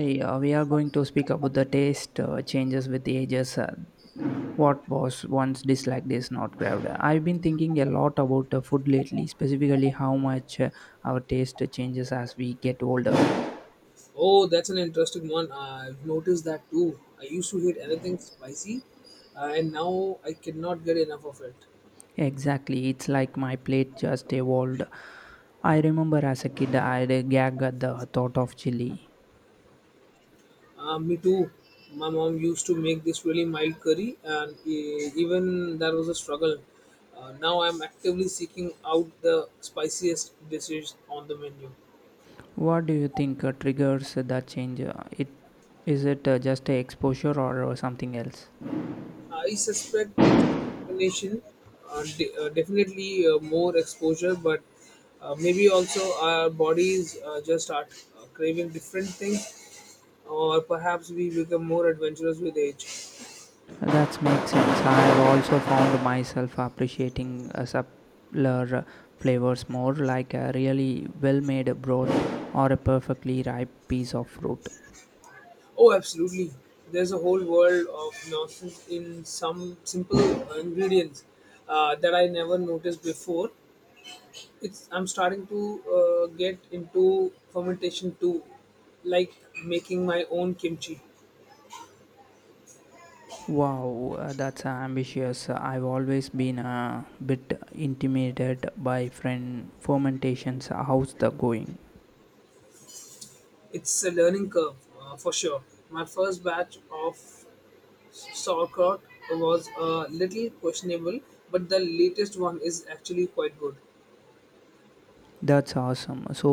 Hey, we are going to speak about the taste changes with the ages. What was once disliked is not grabbed. I've been thinking a lot about food lately, specifically how much our taste changes as we get older. Oh, that's an interesting one. I've noticed that too. I used to hate anything spicy, and now I cannot get enough of it. Exactly, it's like my plate just evolved. I remember as a kid, I would a gag at the thought of chili. Me too. My mom used to make this really mild curry, and even that was a struggle. Now I'm actively seeking out the spiciest dishes on the menu. What do you think triggers that change? It is it just a exposure or something else? I suspect it's a combination, definitely more exposure, but maybe also our bodies just start craving different things or perhaps we become more adventurous with age. That makes sense. I have also found myself appreciating subtler flavors more, like a really well made broth or a perfectly ripe piece of fruit. Oh, absolutely. There's a whole world of nonsense in some simple ingredients that I never noticed before. It's I'm starting to get into fermentation too, like making my own kimchi. Wow, that's ambitious. I've always been a bit intimidated by friend fermentations. How's the going? It's a learning curve for sure. My first batch of sauerkraut was a little questionable, but the latest one is actually quite good. That's awesome. So,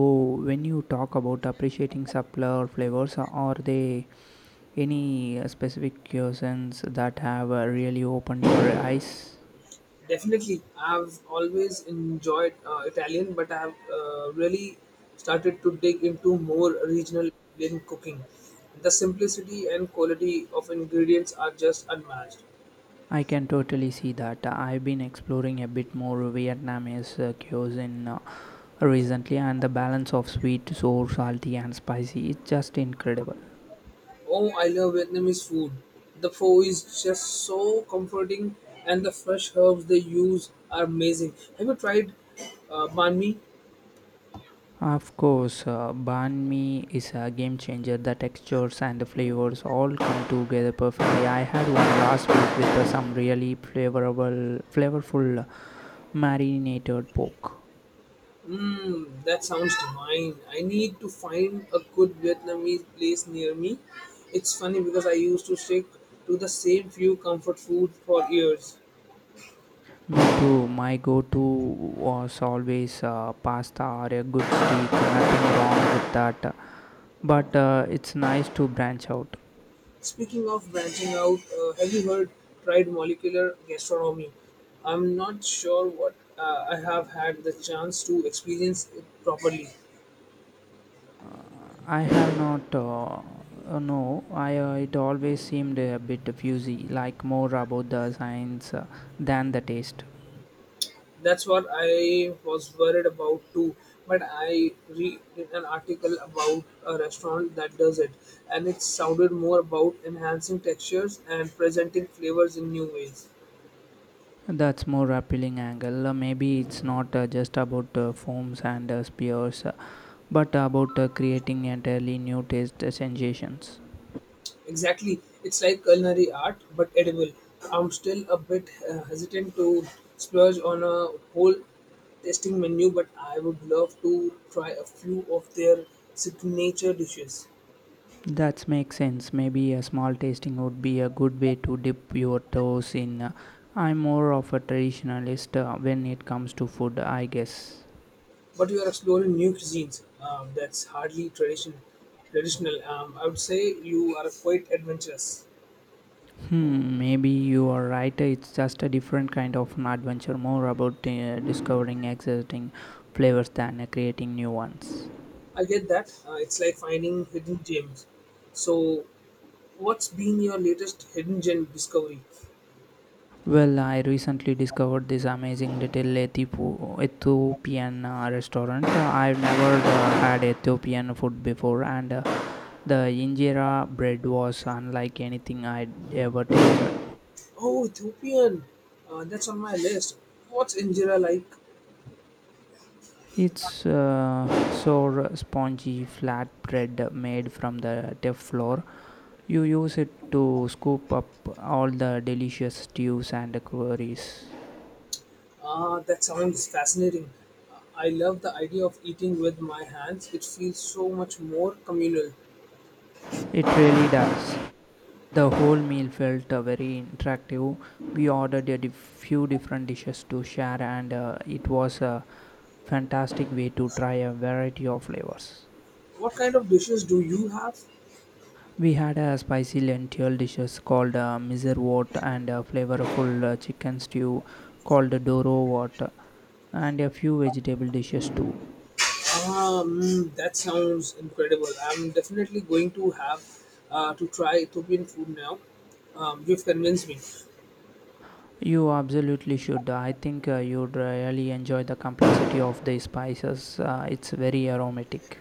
when you talk about appreciating subtler flavors, are they any specific cuisines that have really opened your eyes? Definitely, I've always enjoyed Italian, but I've really started to dig into more regional Indian cooking. The simplicity and quality of ingredients are just unmatched. I can totally see that. I've been exploring a bit more Vietnamese cuisine recently, and the balance of sweet, sour, salty, and spicy is just incredible. Oh, I love Vietnamese food. The pho is just so comforting, and the fresh herbs they use are amazing. Have you tried banh mi? Of course, banh mi is a game changer. The textures and the flavors all come together perfectly. I had one last week with some really flavorful marinated pork. Mm, that sounds divine. I need to find a good Vietnamese place near me. It's funny because I used to stick to the same few comfort foods for years. Me too. My go-to was always pasta or a good steak. Nothing wrong with that. But it's nice to branch out. Speaking of branching out, have you heard tried molecular gastronomy? I'm not sure what I have had the chance to experience it properly. I have not. No, I it always seemed a bit fuzzy, like more about the science than the taste. That's what I was worried about too. But I read an article about a restaurant that does it, and it sounded more about enhancing textures and presenting flavors in new ways. That's more appealing angle. Maybe it's not just about foams and spears, but about creating entirely new taste sensations. Exactly, it's like culinary art but edible. I'm still a bit hesitant to splurge on a whole tasting menu, but I would love to try a few of their signature dishes. That makes sense. Maybe a small tasting would be a good way to dip your toes in. I'm more of a traditionalist when it comes to food, I guess. But you are exploring new cuisines, that's hardly traditional, I would say you are quite adventurous. Hmm, maybe you are right. It's just a different kind of an adventure, more about discovering existing flavors than creating new ones. I get that, it's like finding hidden gems. So what's been your latest hidden gem discovery? Well, I recently discovered this amazing little Ethiopian restaurant. I've never had Ethiopian food before, and the injera bread was unlike anything I'd ever tasted. Oh, Ethiopian, that's on my list. What's injera like? It's so spongy, flat bread made from the tough flour. You use it to scoop up all the delicious stews and curries. Ah, that sounds fascinating. I love the idea of eating with my hands. It feels so much more communal. It really does. The whole meal felt very interactive. We ordered a few different dishes to share, and it was a fantastic way to try a variety of flavors. What kind of dishes do you have? We had a spicy lentil dishes called miserwort and a flavorful chicken stew called doro wort and a few vegetable dishes too. That sounds incredible. I'm definitely going to have to try Ethiopian food now. You've convinced me. You absolutely should. I think you'd really enjoy the complexity of the spices. It's very aromatic.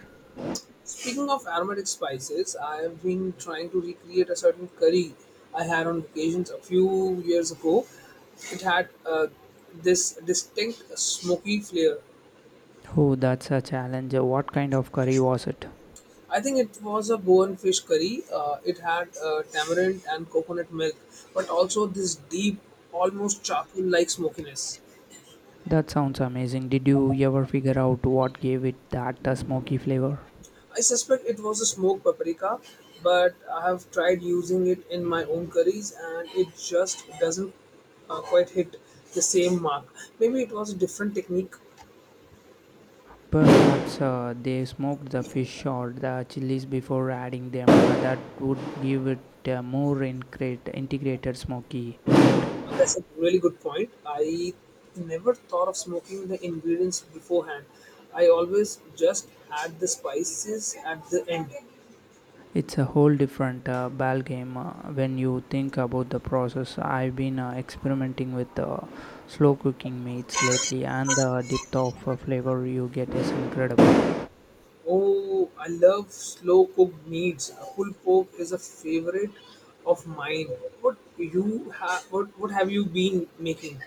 Speaking of aromatic spices, I've been trying to recreate a certain curry I had on vacations a few years ago. It had this distinct smoky flavor. Oh, that's a challenge. What kind of curry was it? I think it was a Goan fish curry. It had tamarind and coconut milk, but also this deep, almost charcoal like smokiness. That sounds amazing. Did you ever figure out what gave it that smoky flavor? I suspect it was a smoked paprika, but I have tried using it in my own curries and it just doesn't quite hit the same mark. Maybe it was a different technique. Perhaps they smoked the fish or the chilies before adding them. That would give it a more integrated smoky. That's a really good point. I never thought of smoking the ingredients beforehand. I always just add the spices at the end. It's a whole different ball game when you think about the process. I've been experimenting with slow cooking meats lately, and the depth of flavor you get is incredible. Oh, I love slow cooked meats. Pulled pork is a favorite of mine. What you have? What have you been making?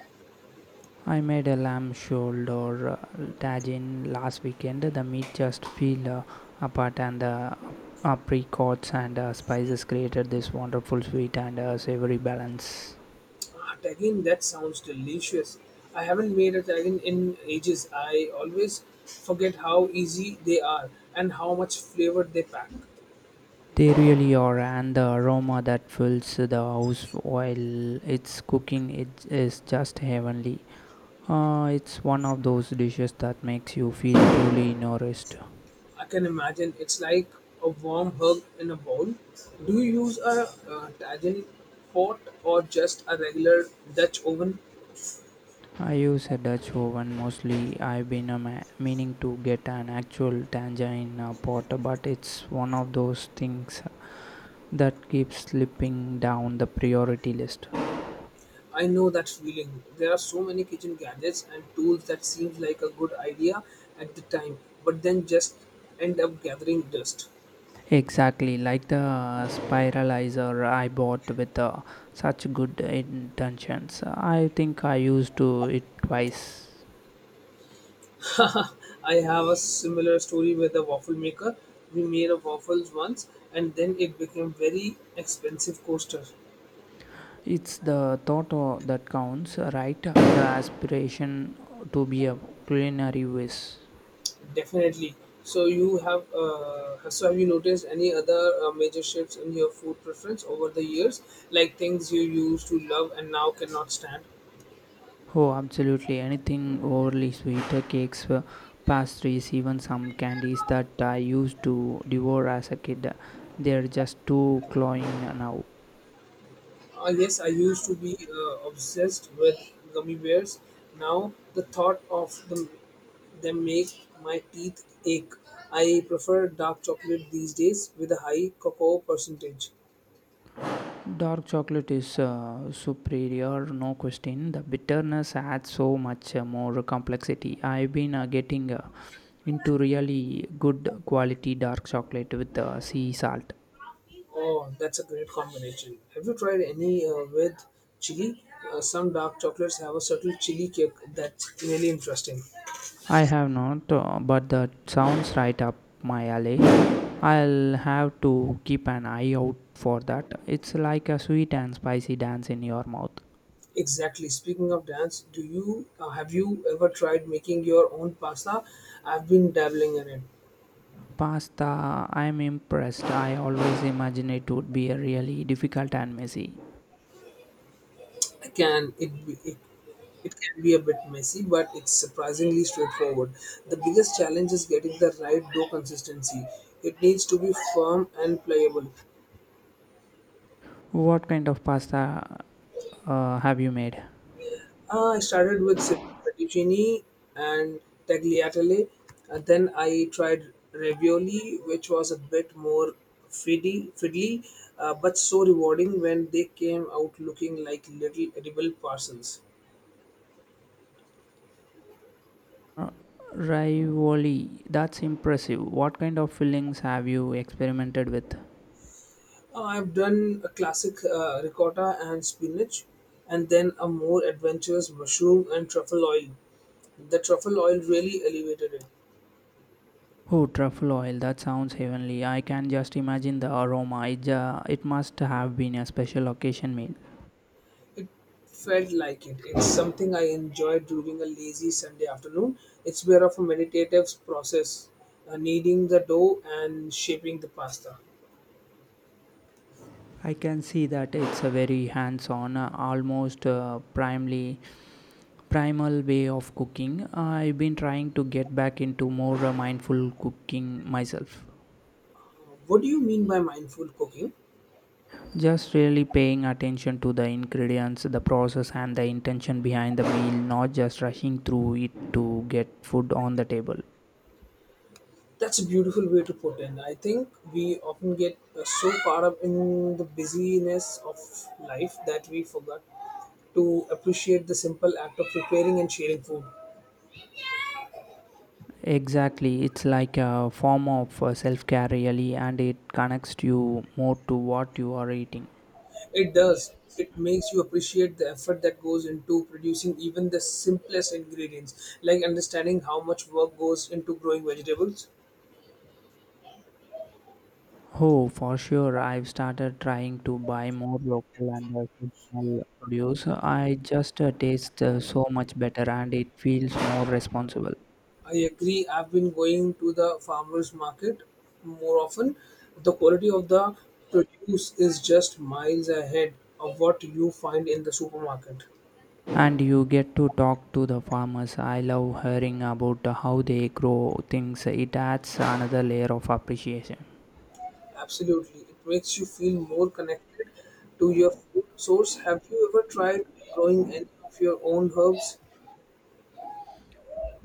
I made a lamb shoulder tagine last weekend. The meat just fell apart, and the apricots and spices created this wonderful sweet and savory balance. Art again, that sounds delicious. I haven't made a taggin in ages. I always forget how easy they are and how much flavor they pack. They really are, and the aroma that fills the house while it's cooking it is just heavenly. It's one of those dishes that makes you feel truly nourished. I can imagine it's like a warm hug in a bowl. Do you use a taggin pot or just a regular Dutch oven? I use a Dutch oven mostly. I've been meaning to get an actual tangerine pot, but it's one of those things that keeps slipping down the priority list. I know that feeling. There are so many kitchen gadgets and tools that seems like a good idea at the time, but then just end up gathering dust. Exactly, like the spiralizer I bought with such good intentions. I think I used to it twice. I have a similar story with a waffle maker. We made a waffles once and then it became very expensive coaster. It's the thought that counts, right? The aspiration to be a culinary whiz. Definitely. So you have, so have you noticed any other major shifts in your food preference over the years, like things you used to love and now cannot stand? Oh, absolutely. Anything overly sweet, cakes, pastries, even some candies that I used to devour as a kid. They're just too cloying now. Yes, I used to be obsessed with gummy bears. Now the thought of them make my teeth ache. I prefer dark chocolate these days with a high cocoa percentage. Dark chocolate is superior, no question. The bitterness adds so much more complexity. I've been getting into really good quality dark chocolate with sea salt. Oh, that's a great combination. Have you tried any with chili? Some dark chocolates have a subtle chili kick that's really interesting. I have not, but that sounds right up my alley. I'll have to keep an eye out for that. It's like a sweet and spicy dance in your mouth. Exactly. Speaking of dance, do you have you ever tried making your own pasta? I've been dabbling in it. Pasta, I'm impressed. I always imagined it would be a really difficult and messy. it can it, it it can be a bit messy, but it's surprisingly straightforward. The biggest challenge is getting the right dough consistency. It needs to be firm and pliable. What kind of pasta have you made? I started with simple fettuccine and tagliatelle, and then I tried ravioli, which was a bit more fiddly, fiddly, but so rewarding when they came out looking like little edible parcels. Uh, Ravioli, that's impressive. What kind of fillings have you experimented with? I've done a classic ricotta and spinach, and then a more adventurous mushroom and truffle oil. The truffle oil really elevated it. Oh, truffle oil, that sounds heavenly. I can just imagine the aroma. It must have been a special occasion meal. It felt like it. It's something I enjoyed during a lazy Sunday afternoon. It's more of a meditative process, kneading the dough and shaping the pasta. I can see that it's a very hands on, almost primal way of cooking. I've been trying to get back into more mindful cooking myself. What do you mean by mindful cooking? Just really paying attention to the ingredients, the process, and the intention behind the meal, not just rushing through it to get food on the table. That's a beautiful way to put in. I think we often get so caught up in the busyness of life that we forgot to appreciate the simple act of preparing and sharing food. Exactly, it's like a form of self-care really and it connects you more to what you are eating. It does. It makes you appreciate the effort that goes into producing even the simplest ingredients, like understanding how much work goes into growing vegetables. Oh, for sure. I've started trying to buy more local and seasonal produce. I just taste so much better and it feels more responsible. I agree, I've been going to the farmers market more often. The quality of the produce is just miles ahead of what you find in the supermarket. And you get to talk to the farmers. I love hearing about how they grow things. It adds another layer of appreciation. Absolutely. It makes you feel more connected to your food source. Have you ever tried growing any of your own herbs?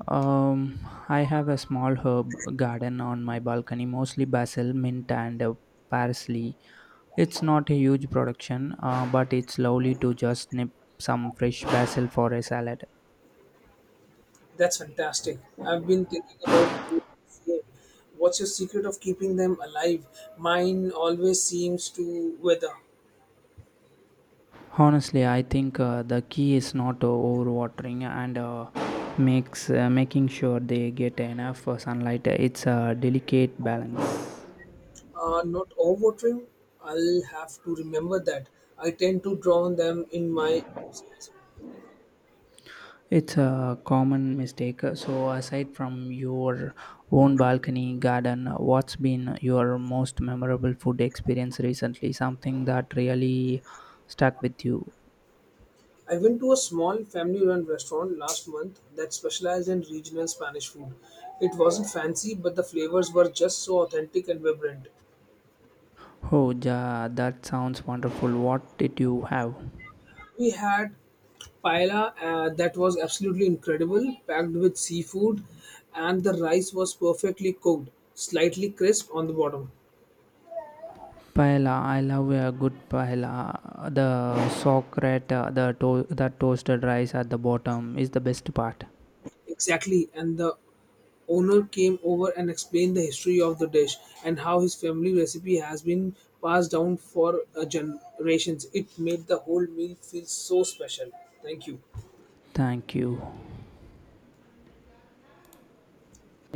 Um, I have a small herb garden on my balcony, mostly basil, mint, and parsley. It's not a huge production, but it's lovely to just nip some fresh basil for a salad. That's fantastic. I've been thinking about doing the same. What's your secret of keeping them alive? Mine always seems to wither. Honestly, I think the key is not overwatering and makes making sure they get enough sunlight. It's a delicate balance. Not overwatering. I'll have to remember that. I tend to drown them in my enthusiasm. It's a common mistake. So, aside from your own balcony garden, what's been your most memorable food experience recently? Something that really stuck with you? I went to a small family run restaurant last month that specialized in regional Spanish food. It wasn't fancy, but the flavors were just so authentic and vibrant. Oh, ja, that sounds wonderful. What did you have? We had paella that was absolutely incredible, packed with seafood, and the rice was perfectly cooked, slightly crisp on the bottom. Paella. I love a good paella. The socret, that toasted rice at the bottom is the best part. Exactly, and the owner came over and explained the history of the dish and how his family recipe has been passed down for generations. It made the whole meal feel so special. Thank you. Thank you.